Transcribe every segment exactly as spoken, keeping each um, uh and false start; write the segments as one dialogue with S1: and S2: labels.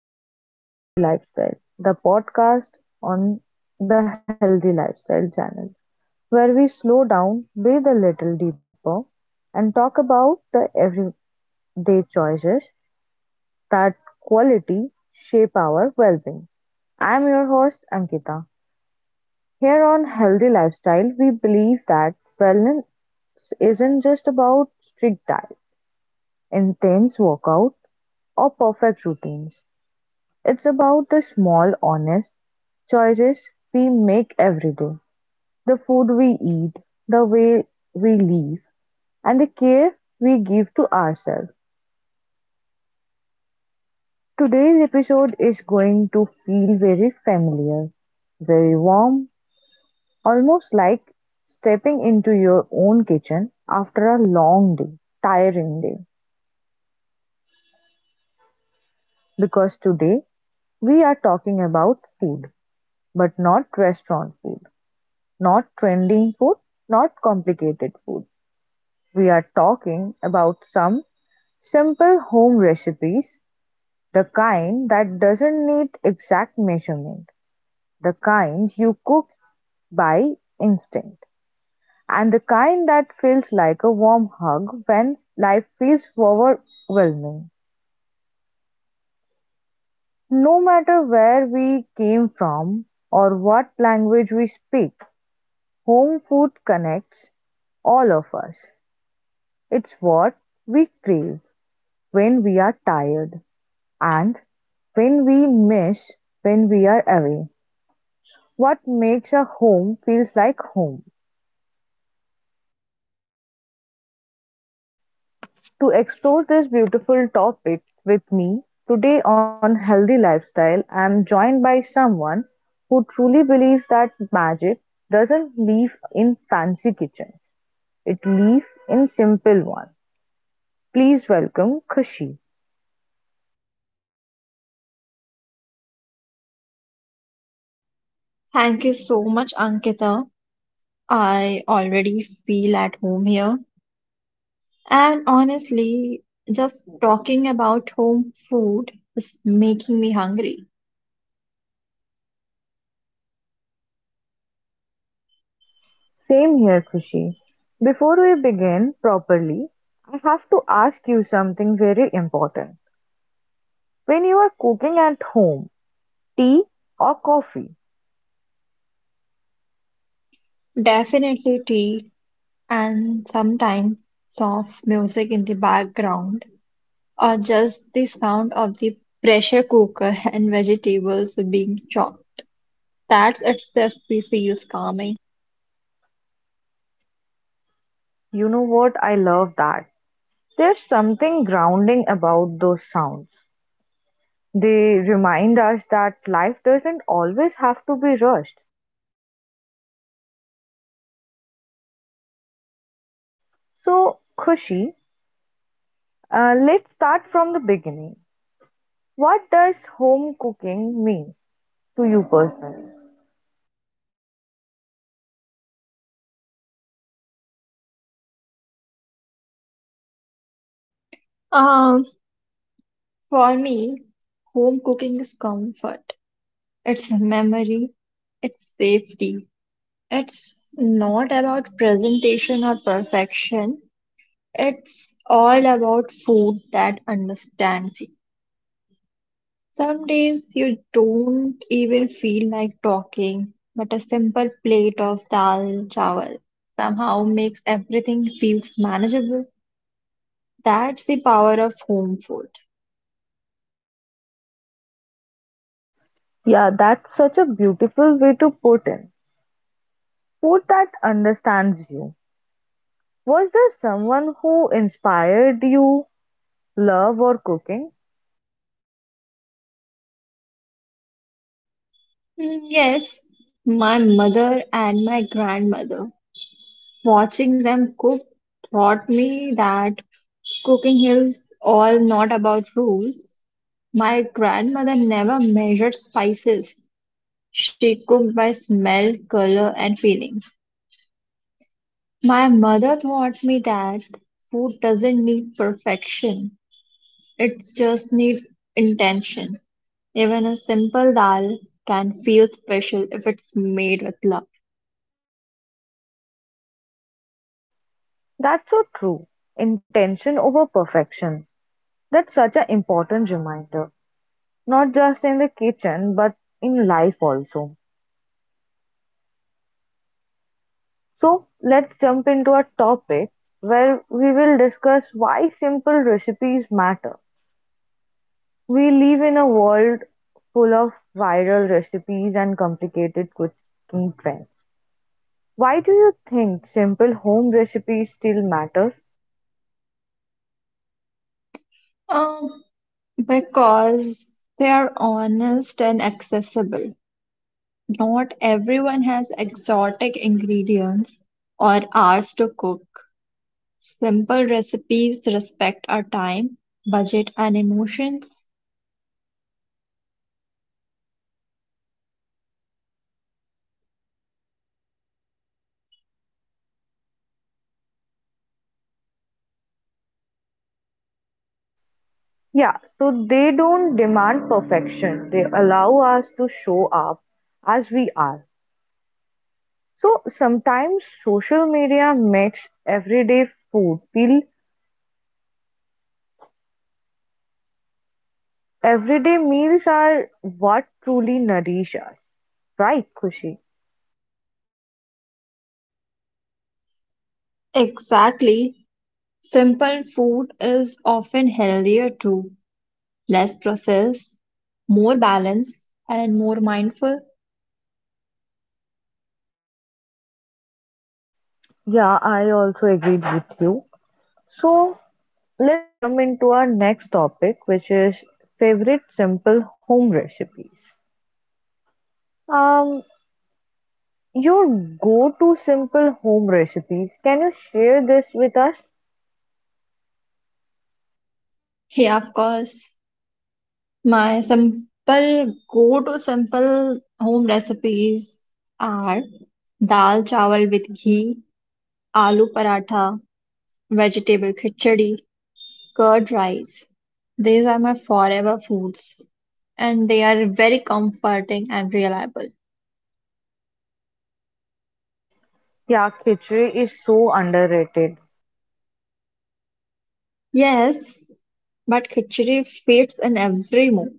S1: and welcome back to Healthy Lifestyle, the podcast on the Healthy Lifestyle channel, where we slow down, breathe a little deeper, and talk about the everyday choices that quality shape our well being. I'm your host, Ankita. Here on Healthy Lifestyle, we believe that wellness isn't just about strict diet, intense workout, or perfect routines. It's about the small, honest choices we make every day, the food we eat, the way we live, and the care we give to ourselves. Today's episode is going to feel very familiar, very warm, almost like stepping into your own kitchen after a long day, tiring day. Because today we are talking about food, but not restaurant food, not trending food, not complicated food. We are talking about some simple home recipes, the kind that doesn't need exact measurement, the kind you cook by instinct, and the kind that feels like a warm hug when life feels overwhelming. No matter where we came from or what language we speak, home food connects all of us. It's what we crave when we are tired, and when we miss when we are away, what makes a home feels like home? To explore this beautiful topic with me today on Healthy Lifestyle, I am joined by someone who truly believes that magic doesn't live in fancy kitchens. It lives in simple ones. Please welcome Khushi.
S2: Thank you so much, Ankita. I already feel at home here. And honestly, just talking about home food is making me hungry.
S1: Same here, Khushi. Before we begin properly, I have to ask you something very important. When you are cooking at home, tea or coffee?
S2: Definitely tea and sometimes soft music in the background, or just the sound of the pressure cooker and vegetables being chopped. That itself feels calming.
S1: You know what? I love that. There's something grounding about those sounds. They remind us that life doesn't always have to be rushed. So, Khushi, uh, let's start from the beginning. What does home cooking mean to you personally?
S2: Um, for me, home cooking is comfort. It's memory, it's safety. It's not about presentation or perfection. It's all about food that understands you. Some days you don't even feel like talking, but a simple plate of dal chawal somehow makes everything feels manageable. That's the power of home food.
S1: Yeah, that's such a beautiful way to put in. Food that understands you. Was there someone who inspired you love or cooking?
S2: Mm, Yes, my mother and my grandmother. Watching them cook taught me that cooking is all not about rules. My grandmother never measured spices. She cooked by smell, color, and feeling. My mother taught me that food doesn't need perfection, it just needs intention. Even a simple dal can feel special if it's made with love.
S1: That's so true. Intention over perfection. That's such an important reminder, not just in the kitchen, but in life also. So, let's jump into a topic where we will discuss why simple recipes matter. We live in a world full of viral recipes and complicated cooking trends. Why do you think simple home recipes still matter?
S2: Um, because they are honest and accessible. Not everyone has exotic ingredients or hours to cook. Simple recipes respect our time, budget, and emotions.
S1: Yeah, so they don't demand perfection. They allow us to show up as we are. So sometimes social media makes everyday food feel everyday meals are what truly nourish us. Right, Kushi?
S2: Exactly. Simple food is often healthier too, less processed, more balanced, and more mindful.
S1: Yeah, I also agreed with you. So let's jump into our next topic, which is favorite simple home recipes. Um, Your go-to simple home recipes. Can you share this with us?
S2: Yeah, of course. My simple go-to simple home recipes are dal chawal with ghee, aloo paratha, vegetable khichdi, curd rice. These are my forever foods and they are very comforting and reliable.
S1: Yeah, khichdi is so underrated.
S2: Yes, but khichdi fits in every mood,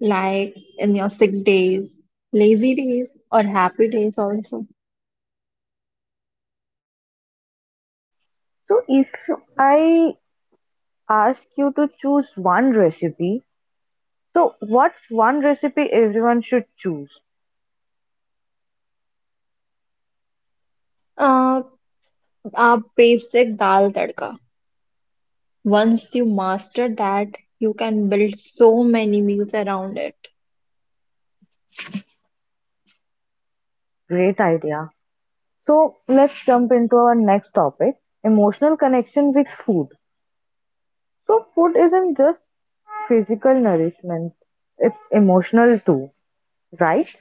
S2: like in your sick days, lazy days, or happy days also.
S1: So if I ask you to choose one recipe, so what's one recipe everyone should choose?
S2: Uh, a basic dal tadka. Once you master that, you can build so many meals around it.
S1: Great idea. So let's jump into our next topic, emotional connection with food. So food isn't just physical nourishment, it's emotional too, right?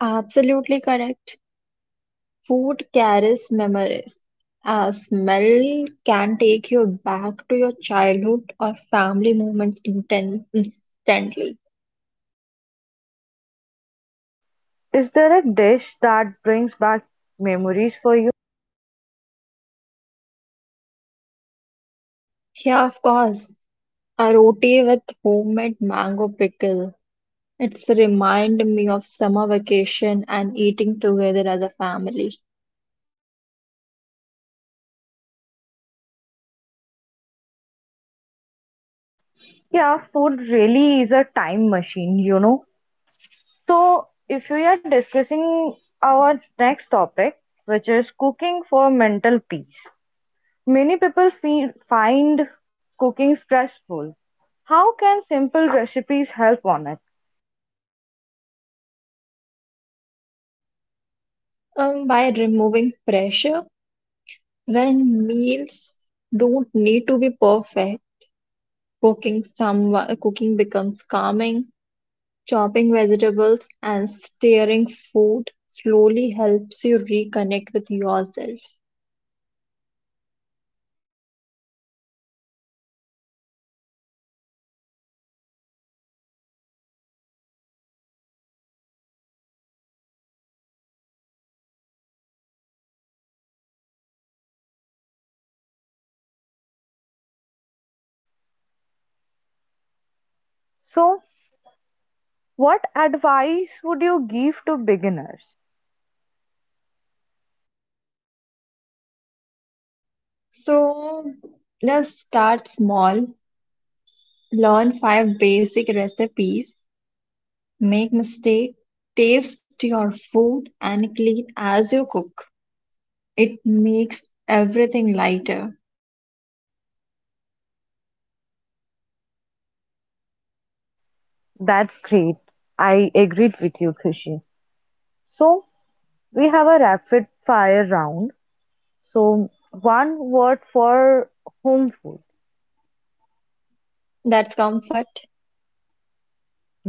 S2: Absolutely correct. Food carries memories. A smell can take you back to your childhood or family moments inten- instantly.
S1: Is there a dish that brings back memories for you?
S2: Yeah, of course. A roti with homemade mango pickle. It's remind me of summer vacation and eating together as a family.
S1: Yeah, food really is a time machine, you know. So, if we are discussing our next topic, which is cooking for mental peace, many people feel, find cooking stressful. How can simple recipes help on it?
S2: Um, by removing pressure, when meals don't need to be perfect, cooking some cooking becomes calming. Chopping vegetables and stirring food slowly helps you reconnect with yourself.
S1: I truly believe cooking can be a form of self care. So, what advice would you give to beginners?
S2: So let's start small. Learn five basic recipes. Make mistakes. Taste your food and clean as you cook. It makes everything lighter.
S1: That's great. I agreed with you, Khushi. So, we have a rapid fire round. So, one word for home food.
S2: That's comfort.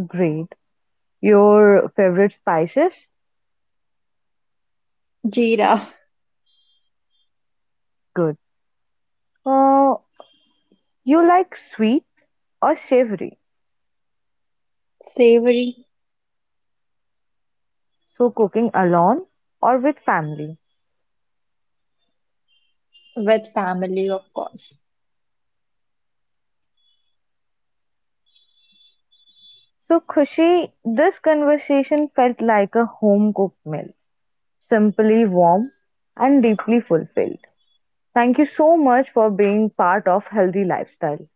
S1: Great. Your favorite spices?
S2: Jeera.
S1: Good. Uh, you like sweet or savory?
S2: Savory.
S1: So, cooking alone or with family?
S2: With family, of course.
S1: So, Khushi, this conversation felt like a home cooked meal, simply warm and deeply fulfilled. Thank you so much for being part of Healthy Lifestyle.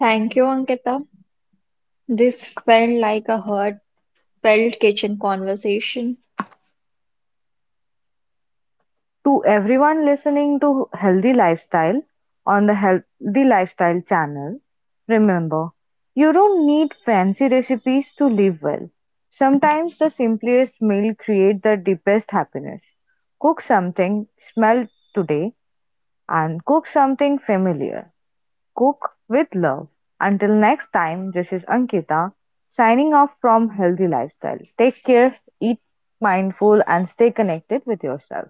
S2: Thank you, Ankita. This felt like a heartfelt kitchen conversation.
S1: To everyone listening to Healthy Lifestyle on the Healthy Lifestyle channel, remember you don't need fancy recipes to live well. Sometimes the simplest meal creates the deepest happiness. Cook something smell today and cook something familiar. Cook with love. Until next time, this is Ankita signing off from Healthy Lifestyle. Take care, eat mindful, and stay connected with yourself.